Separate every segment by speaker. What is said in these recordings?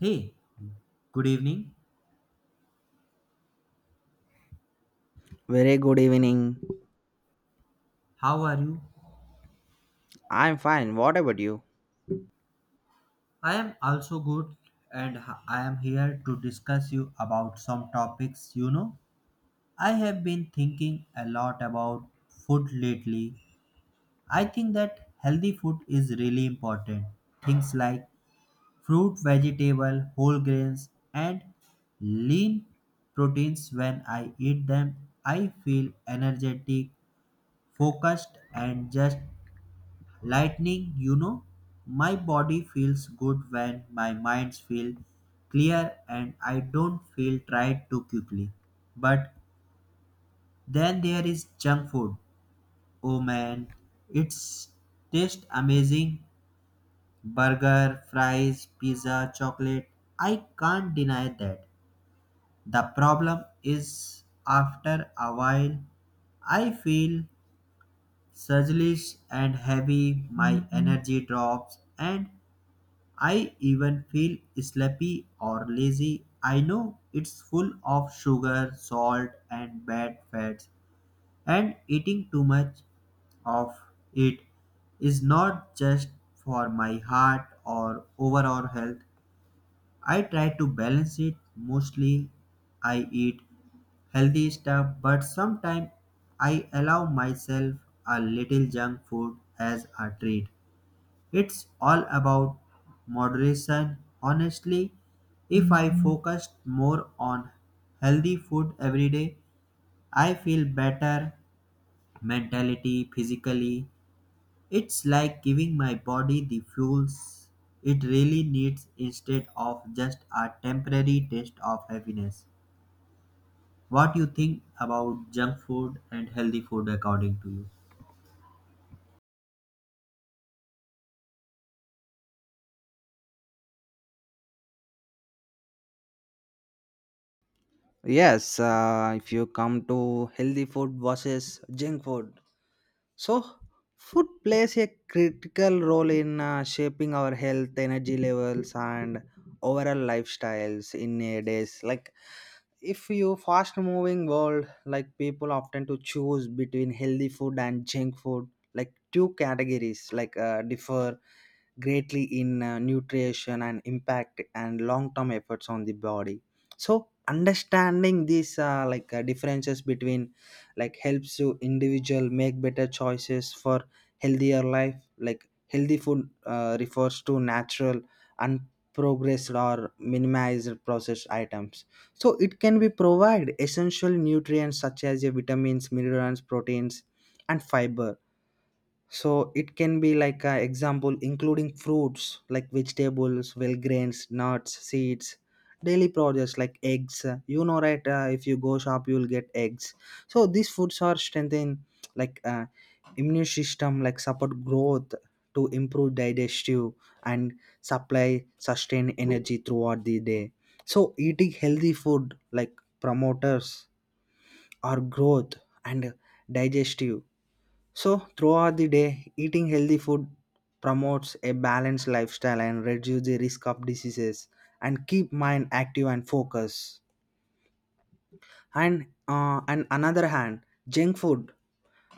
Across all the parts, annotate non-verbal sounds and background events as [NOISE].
Speaker 1: Hey, good evening.
Speaker 2: Very good evening.
Speaker 1: How are you?
Speaker 2: I'm fine. What about you?
Speaker 1: I am also good and I am here to discuss you about some topics. I have been thinking a lot about food lately. I think that healthy food is really important. Things like fruit, vegetable, whole grains and lean proteins when I eat them I feel energetic, focused and just lightning, my body feels good when my mind feels clear and I don't feel tired too quickly. But then there is junk food. Oh man, it's tastes amazing. Burger, fries, pizza, chocolate. I can't deny that. The problem is after a while I feel sluggish and heavy, my energy drops, and I even feel sleepy or lazy. I know it's full of sugar, salt, and bad fats, and eating too much of it is not just for my heart or overall health. I try to balance it. Mostly, I eat healthy stuff, but sometimes I allow myself a little junk food as a treat. It's all about moderation. Honestly, if I focused more on healthy food every day, I feel better mentally, physically. It's like giving my body the fuels it really needs instead of just a temporary taste of happiness. What do you think about junk food and healthy food according to you?
Speaker 2: Yes, if you come to healthy food versus junk food. So, food plays a critical role in shaping our health, energy levels, and overall lifestyles in nowadays. Like, if you fast moving world, like people often to choose between healthy food and junk food, like two categories like differ greatly in nutrition and impact and long term efforts on the body, so understanding these differences between like helps you individual make better choices for healthier life, like healthy food refers to natural and progressed or minimized processed items, so it can be provide essential nutrients such as your vitamins, minerals, proteins, and fiber. So it can be like a example including fruits, like vegetables, well grains, nuts, seeds, daily products like eggs, you know, right. If you go shop you will get eggs. So these foods are strengthen, like immune system, like support growth to improve digestive and supply sustain energy throughout the day. So eating healthy food like promoters or growth and digestive. So, throughout the day, eating healthy food promotes a balanced lifestyle and reduces the risk of diseases and keep mind active and focused. And on another hand, junk food,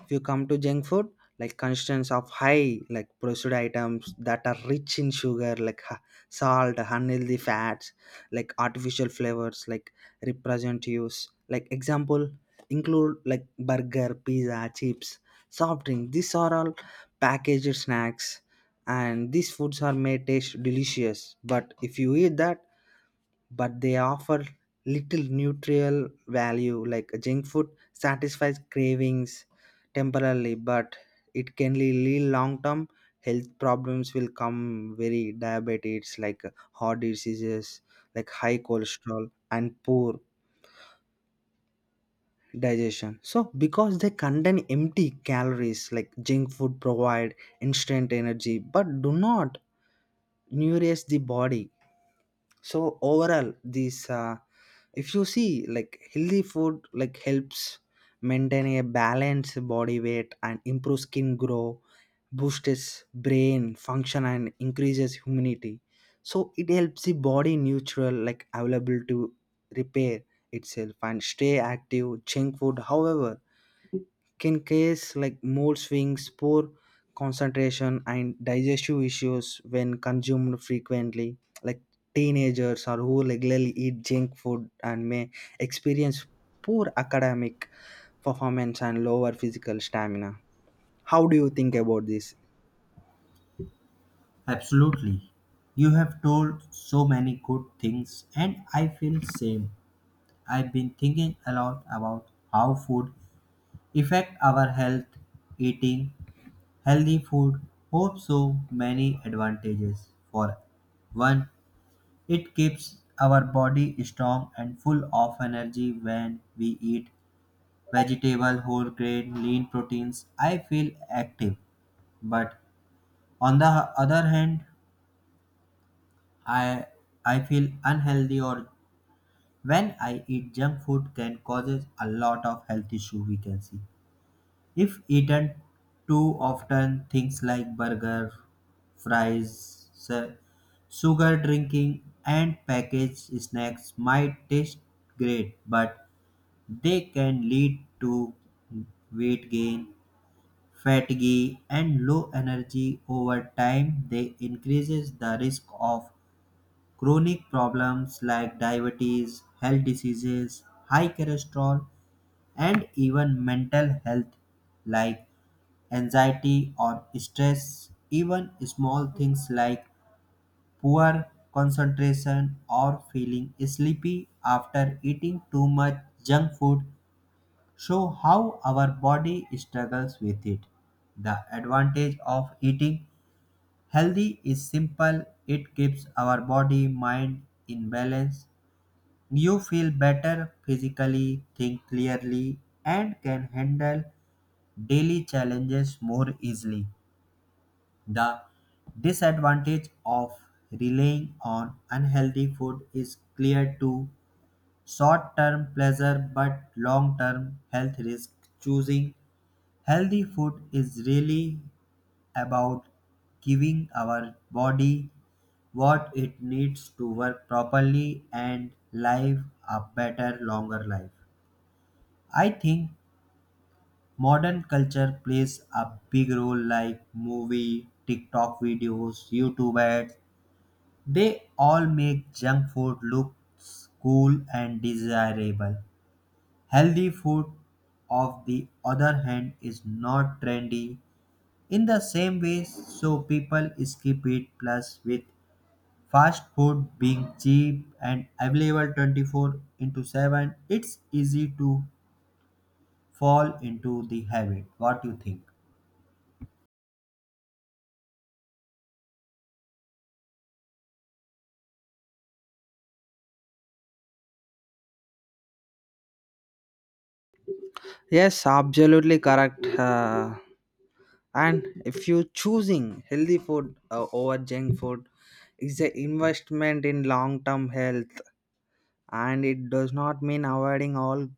Speaker 2: if you come to junk food, like constants of high like processed items that are rich in sugar, salt, unhealthy fats, like artificial flavors, like represent use, like example include like burger, pizza, chips, soft drink. These are all packaged snacks, and these foods are may taste delicious, but if you eat that, but they offer little nutritional value. Like junk food satisfies cravings temporarily, but it can lead long term health problems will come very diabetes, like heart diseases, like high cholesterol and poor digestion. So because they contain empty calories, like junk food provide instant energy but do not nourish the body. So overall these if you see, like healthy food like helps maintain a balanced body weight and improve skin grow, boosts brain function and increases immunity. So it helps the body neutral, like available to repair itself and stay active. Junk food, however, can cause like mood swings, poor concentration, and digestive issues when consumed frequently. Like teenagers or who regularly eat junk food and may experience poor academic performance and lower physical stamina. How do you think about this?
Speaker 1: Absolutely. You have told so many good things and I feel same. I've been thinking a lot about how food affect our health. Eating healthy food holds so many advantages. For one, it keeps our body strong and full of energy when we eat vegetable, whole grain, lean proteins. I feel active, but on the other hand, I I feel unhealthy or when I eat junk food can causes a lot of health issue we can see. If eaten too often, things like burger, fries, sugar drinking, and packaged snacks might taste great, but they can lead to weight gain, fatigue, and low energy over time. They increases the risk of chronic problems like diabetes, health diseases, high cholesterol, and even mental health like anxiety or stress, even small things like poor concentration or feeling sleepy after eating too much junk food show how our body struggles with it. The advantage of eating healthy is simple, it keeps our body mind in balance. You feel better physically, think clearly, and can handle daily challenges more easily. The disadvantage of relying on unhealthy food is clear to short term pleasure but long term health risk. Choosing healthy food is really about giving our body what it needs to work properly and live a better, longer life. I think modern culture plays a big role, like movie, TikTok videos, YouTube ads. They all make junk food look cool and desirable. Healthy food, of the other hand, is not trendy in the same way, so people skip it. Plus, with fast food being cheap and available 24 into 7, it's easy to fall into the habit. What do you think?
Speaker 2: Yes, absolutely correct. And if you're choosing healthy food over junk food, is an investment in long-term health and it does not mean avoiding all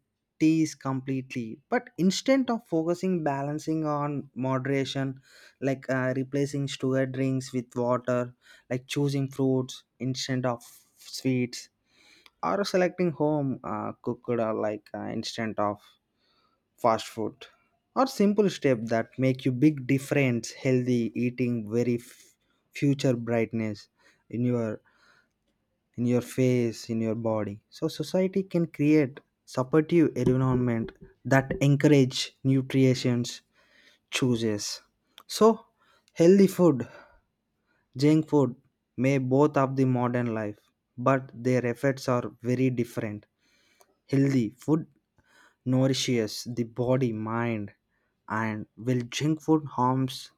Speaker 2: teas completely but instead of focusing balancing on moderation, like replacing sugar drinks with water, like choosing fruits instead of sweets, or selecting home cooked or instead of fast food, or simple step that make you big difference healthy eating very future brightness in your in your face, in your body. So society can create supportive environment that encourage nutrients choices. So healthy food, junk food may both of the modern life, but their effects are very different. Healthy food nourishes the body, mind, and will junk food harms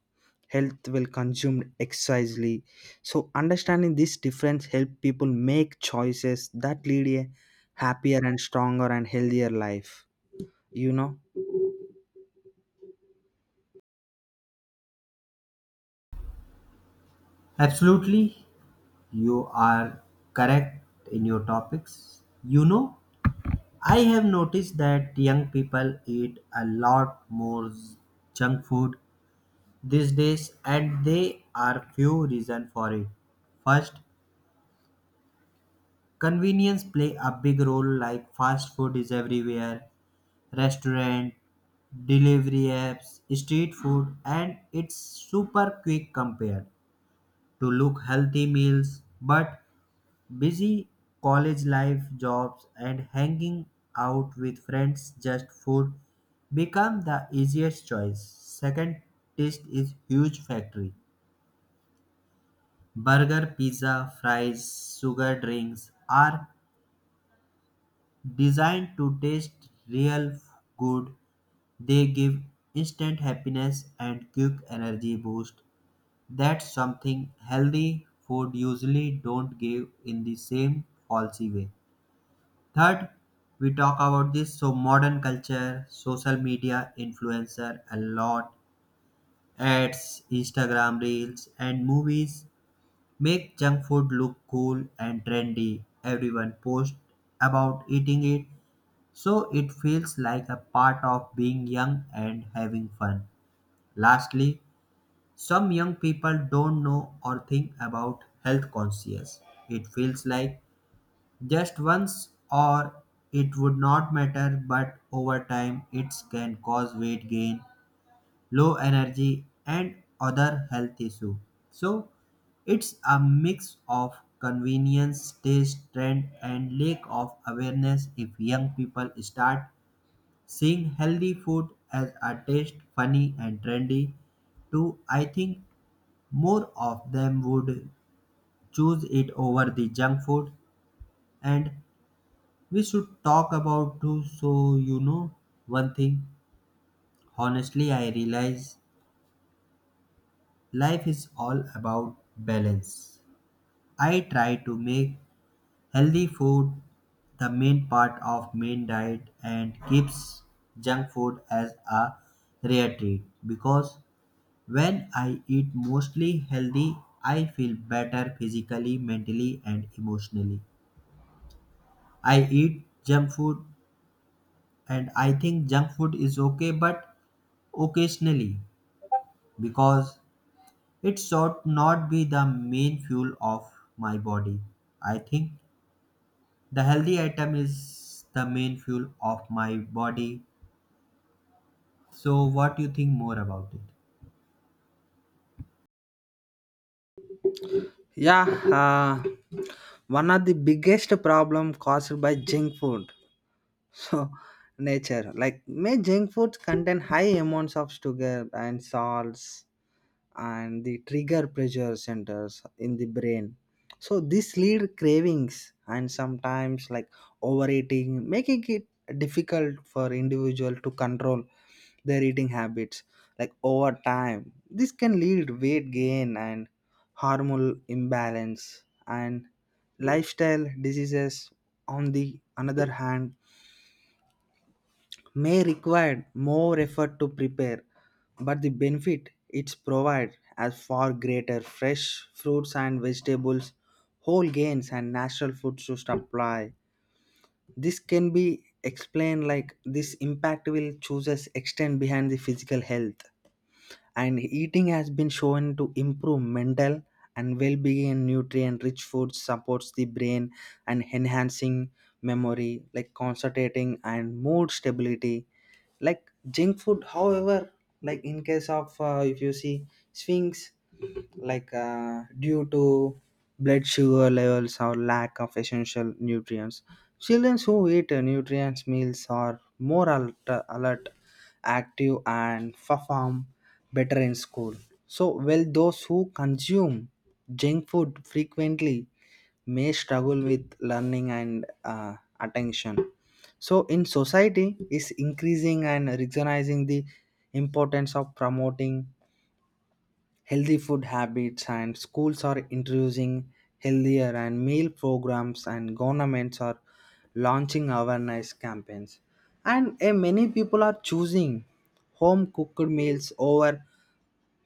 Speaker 2: health will consumed excisely. So understanding this difference help people make choices that lead a happier and stronger and healthier life, you know.
Speaker 1: Absolutely, you are correct in your topics. You know, I have noticed that young people eat a lot more junk food these days, and there are few reasons for it. First, convenience play a big role like fast food is everywhere, restaurant, delivery apps, street food and it's super quick compared to look healthy meals but busy college life jobs and hanging out with friends just food become the easiest choice. Second, taste is huge factory burger pizza fries sugar drinks are designed to taste real good, they give instant happiness and quick energy boost. That's something healthy food usually don't give in the same falsy way. Third, we talk about this so modern culture, social media influencer a lot, ads, Instagram reels and movies make junk food look cool and trendy. Everyone posts about eating it so it feels like a part of being young and having fun. Lastly, some young people don't know or think about health conscious. It feels like just once or it would not matter, but over time it can cause weight gain, low energy, and other health issues. So it's a mix of convenience, taste, trend, and lack of awareness. If young people start seeing healthy food as a taste funny and trendy too, I think more of them would choose it over the junk food. And we should talk about too. So you know one thing, honestly, I realize life is all about balance. I try to make healthy food the main part of main diet and keeps junk food as a rare treat because when I eat mostly healthy, I feel better physically, mentally, and emotionally. I eat junk food and I think junk food is okay but occasionally because it should not be the main fuel of my body. I think the healthy item is the main fuel of my body. So what do you think more about it?
Speaker 2: Yeah. uh, One of the biggest problem caused by junk food [LAUGHS] so nature, like may junk foods contain high amounts of sugar and salts, and the trigger pressure centers in the brain. So this lead cravings and sometimes like overeating making it difficult for individual to control their eating habits. Like over time this can lead weight gain and hormonal imbalance and lifestyle diseases. On the another hand, may require more effort to prepare, but the benefit it's provide as far greater fresh fruits and vegetables, whole grains and natural foods to supply. This can be explained like this impact will chooses extend behind the physical health and eating has been shown to improve mental and well-being, and nutrient rich food supports the brain and enhancing memory, like concentrating and mood stability. Like junk food, however, like in case of if you see sphinx, like due to blood sugar levels or lack of essential nutrients, children who eat nutrients meals are more alert, alert active and perform better in school. So, while those who consume junk food frequently may struggle with learning and attention. So, in society, is increasing and recognizing the importance of promoting healthy food habits, and schools are introducing healthier and meal programs, and governments are launching awareness campaigns. And many people are choosing home cooked meals over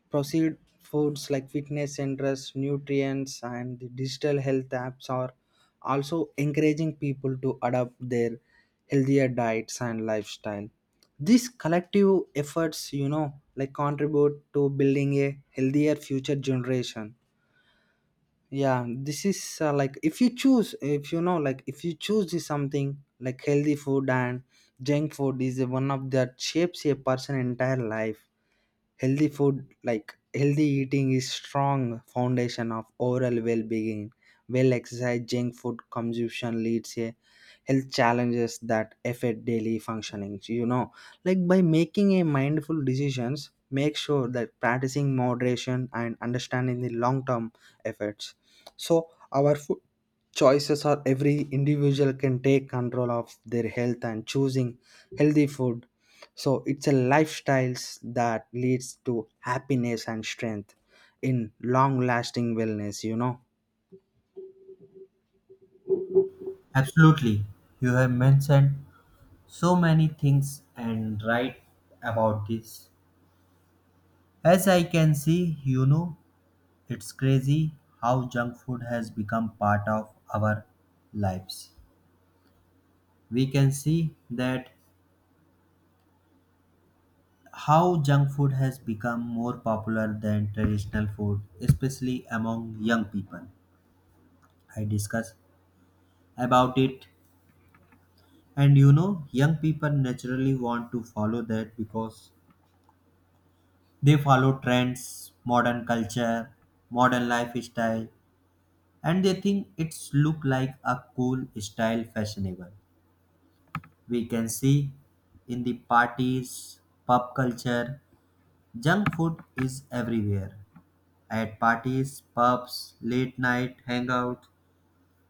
Speaker 2: proceed foods, like fitness centers, nutrients, and the digital health apps are also encouraging people to adopt their healthier diets and lifestyle. These collective efforts, you know, like contribute to building a healthier future generation. Yeah, this is like if you choose, if you know, like if you choose this something like healthy food and junk food is one of that shapes a person entire life. Healthy food, like healthy eating, is strong foundation of overall well-being. Well exercise, junk food consumption leads a health challenges that affect daily functioning. You know, like by making a mindful decisions, make sure that practicing moderation and understanding the long-term effects. So our food choices are every individual can take control of their health and choosing healthy food, so it's a lifestyles that leads to happiness and strength in long lasting wellness, you know.
Speaker 1: Absolutely. You have mentioned so many things and right about this. As I can see, it's crazy how junk food has become part of our lives. We can see that how junk food has become more popular than traditional food, especially among young people. I discuss about it, and young people naturally want to follow that because they follow trends, modern culture, modern lifestyle, and they think it's look like a cool style fashionable. We can see in the parties, pub culture, junk food is everywhere. At parties, pubs, late night hangouts,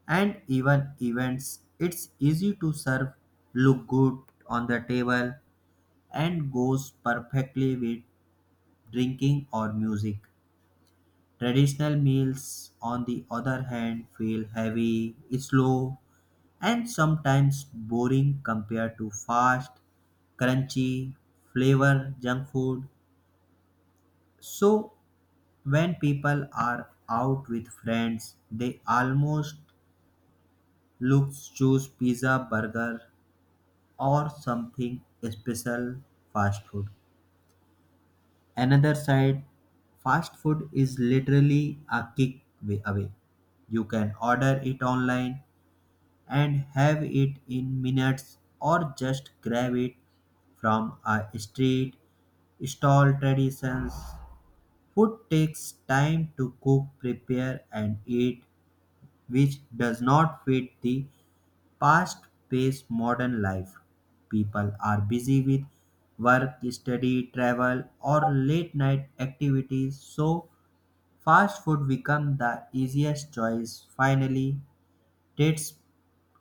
Speaker 1: and even events, it's easy to serve, look good on the table, and goes perfectly with drinking or music. Traditional meals, on the other hand, feel heavy, slow, and sometimes boring compared to fast, crunchy, flavor junk food. So, when people are out with friends, they almost look choose pizza, burger, or something special fast food. Another side, fast food is literally a kick way away. You can order it online and have it in minutes or just grab it from a street stall traditions. Food takes time to cook, prepare, and eat, which does not fit the fast paced modern life. People are busy with work, study, travel, or late night activities, so fast food becomes the easiest choice. Finally, Taste,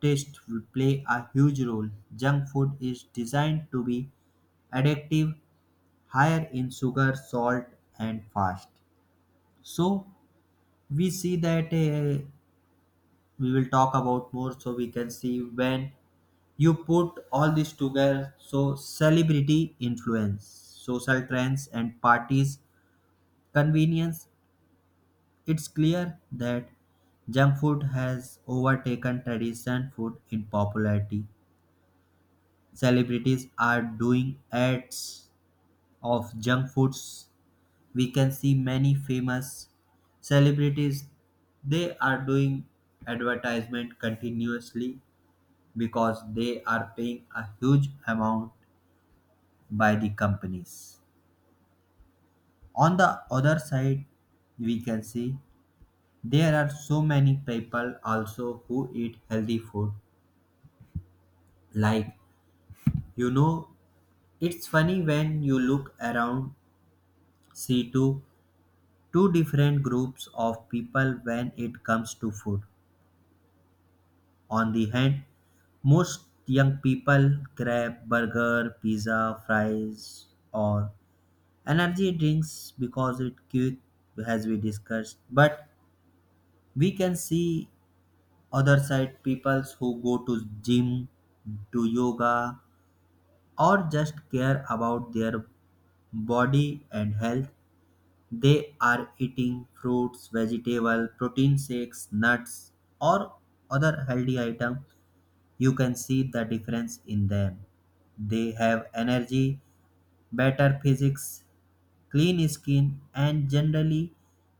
Speaker 1: taste will play a huge role. Junk food is designed to be addictive, higher in sugar, salt, and fast. So we see that we will talk about more. So we can see when you put all this together. So celebrity influence, social trends, and parties convenience. It's clear that junk food has overtaken traditional food in popularity. Celebrities are doing ads of junk foods. We can see many famous celebrities they are doing advertisement continuously because they are paying a huge amount by the companies. On the other side, we can see there are so many people also who eat healthy food, like, you know it's funny when you look around see to two different groups of people when it comes to food. On the hand, most young people grab burger, pizza, fries, or energy drinks because it quick, as we discussed. But we can see other side people who go to gym, do yoga, or just care about their body and health. They are eating fruits, vegetable, protein shakes, nuts, or other healthy item. You can see the difference in them. They have energy, better physics, clean skin, and generally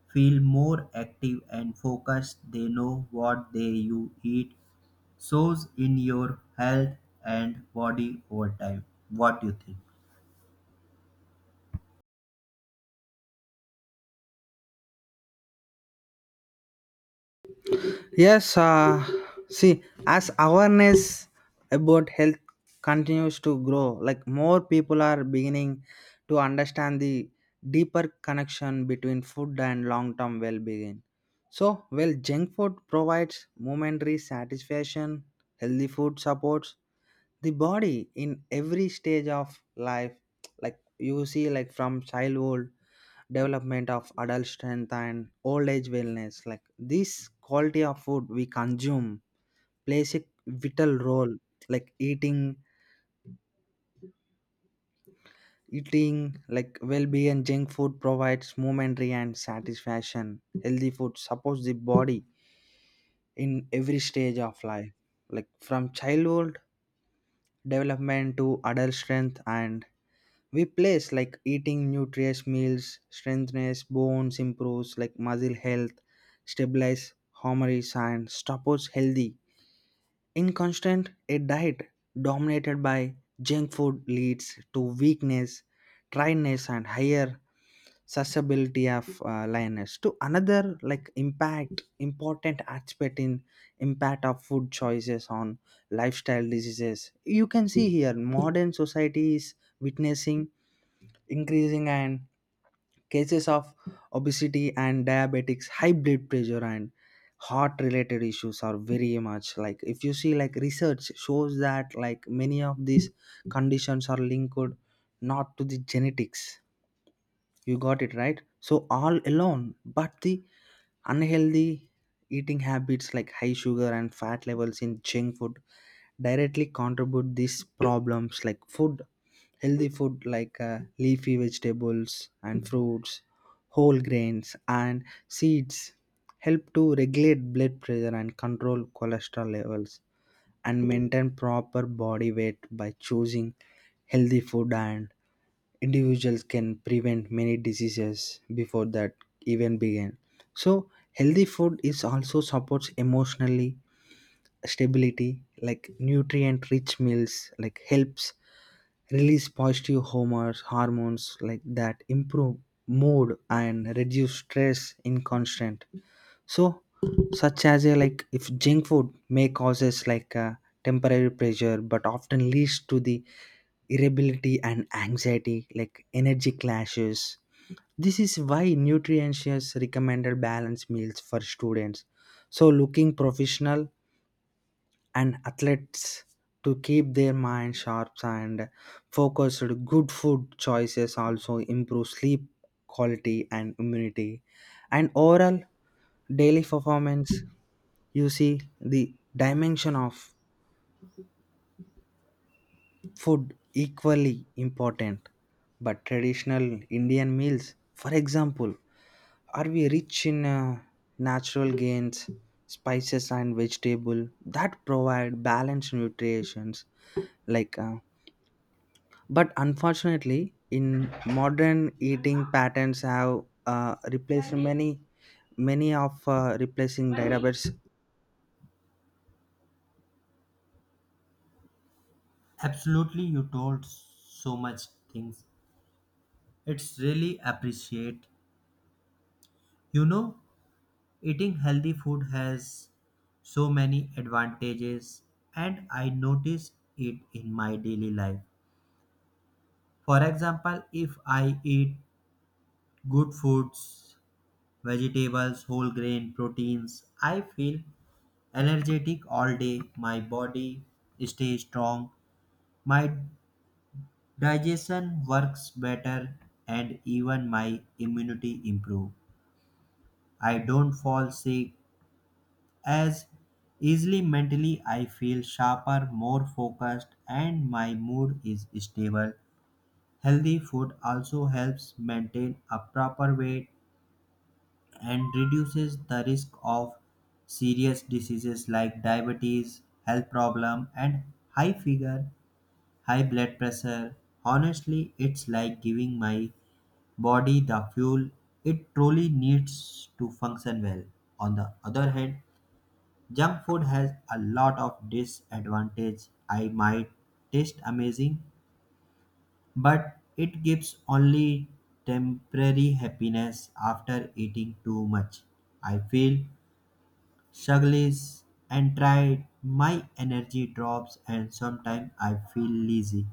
Speaker 1: feel more active and focused. They know what they you eat shows in your health and body over time. What do you think?
Speaker 2: Yes, see, as awareness about health continues to grow, like more people are beginning to understand the deeper connection between food and long term well being. So, while junk food provides momentary satisfaction, healthy food supports the body in every stage of life, like you see, like from childhood development of adult strength and old age wellness, like this quality of food we consume plays a vital role. Like eating like well-being junk food provides momentary and satisfaction healthy food supports the body in every stage of life, like from childhood development to adult strength and we place like eating nutritious meals strengthens bones improves like muscle health, stabilize hormones and stops healthy in constant. A diet dominated by junk food leads to weakness, dryness and higher susceptibility of lioness to another like impact important aspect in impact of food choices on lifestyle diseases. You can see here modern society is witnessing increasing and cases of obesity and diabetics, high blood pressure and heart related issues are very much like, if you see, like research shows that like many of these conditions are linked not to the genetics, you got it right, so all alone but the unhealthy eating habits like high sugar and fat levels in junk food directly contribute these problems. Like food, healthy food like leafy vegetables and fruits, whole grains, and seeds help to regulate blood pressure and control cholesterol levels and maintain proper body weight. By choosing healthy food and individuals can prevent many diseases before that even begin. So healthy food is also supports emotionally stability, like nutrient rich meals like helps release positive homers hormones like that improve mood and reduce stress in constant. So such as a like if junk food may causes like a temporary pressure but often leads to the irritability and anxiety like energy clashes. This is why nutritious recommended balanced meals for students, so looking professional and athletes to keep their mind sharp and focused. Good food choices also improve sleep quality and immunity. And overall, daily performance, you see the dimension of food equally important. But traditional Indian meals, for example, are we rich in natural gains, spices and vegetable that provide balanced nutritions, like but unfortunately in modern eating patterns have replaced many of replacing diabetes.
Speaker 1: Absolutely, you told so much things. It's really appreciate. You know, eating healthy food has so many advantages and I notice it in my daily life. For example, if I eat good foods, vegetables, whole grain, proteins, I feel energetic all day. My body stays strong. My digestion works better and even my immunity improve. I don't fall sick as easily. Mentally, I feel sharper, more focused, and my mood is stable. Healthy food also helps maintain a proper weight and reduces the risk of serious diseases like diabetes health problem and high fever high blood pressure. Honestly, it's like giving my body the fuel it truly needs to function well. On the other hand, junk food has a lot of disadvantage. I might taste amazing, but it gives only temporary happiness after eating too much. I feel sluggish and tired. My energy drops and sometimes I feel lazy.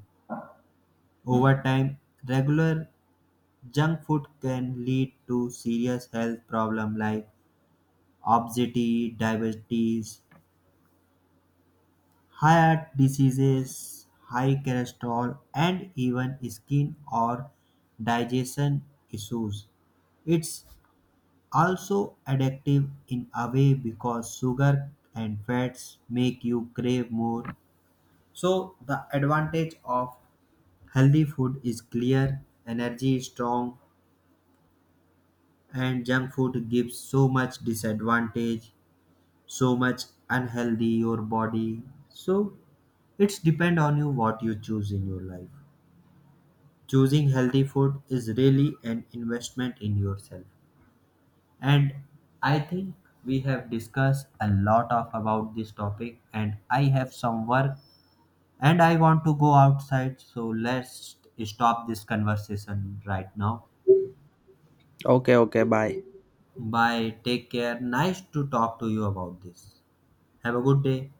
Speaker 1: Over time, regular junk food can lead to serious health problems like obesity, diabetes, high heart diseases, high cholesterol, and even skin or digestion issues. It's also addictive in a way because sugar and fats make you crave more. So, the advantage of healthy food is clear, energy is strong, and junk food gives so much disadvantage, so much unhealthy your body. So, it's depend on you what you choose in your life. Choosing healthy food is really an investment in yourself and I think we have discussed a lot of about this topic and I have some work and I want to go outside so let's stop this conversation right now.
Speaker 2: Okay, okay, bye.
Speaker 1: Bye, take care, nice to talk to you about this. Have a good day.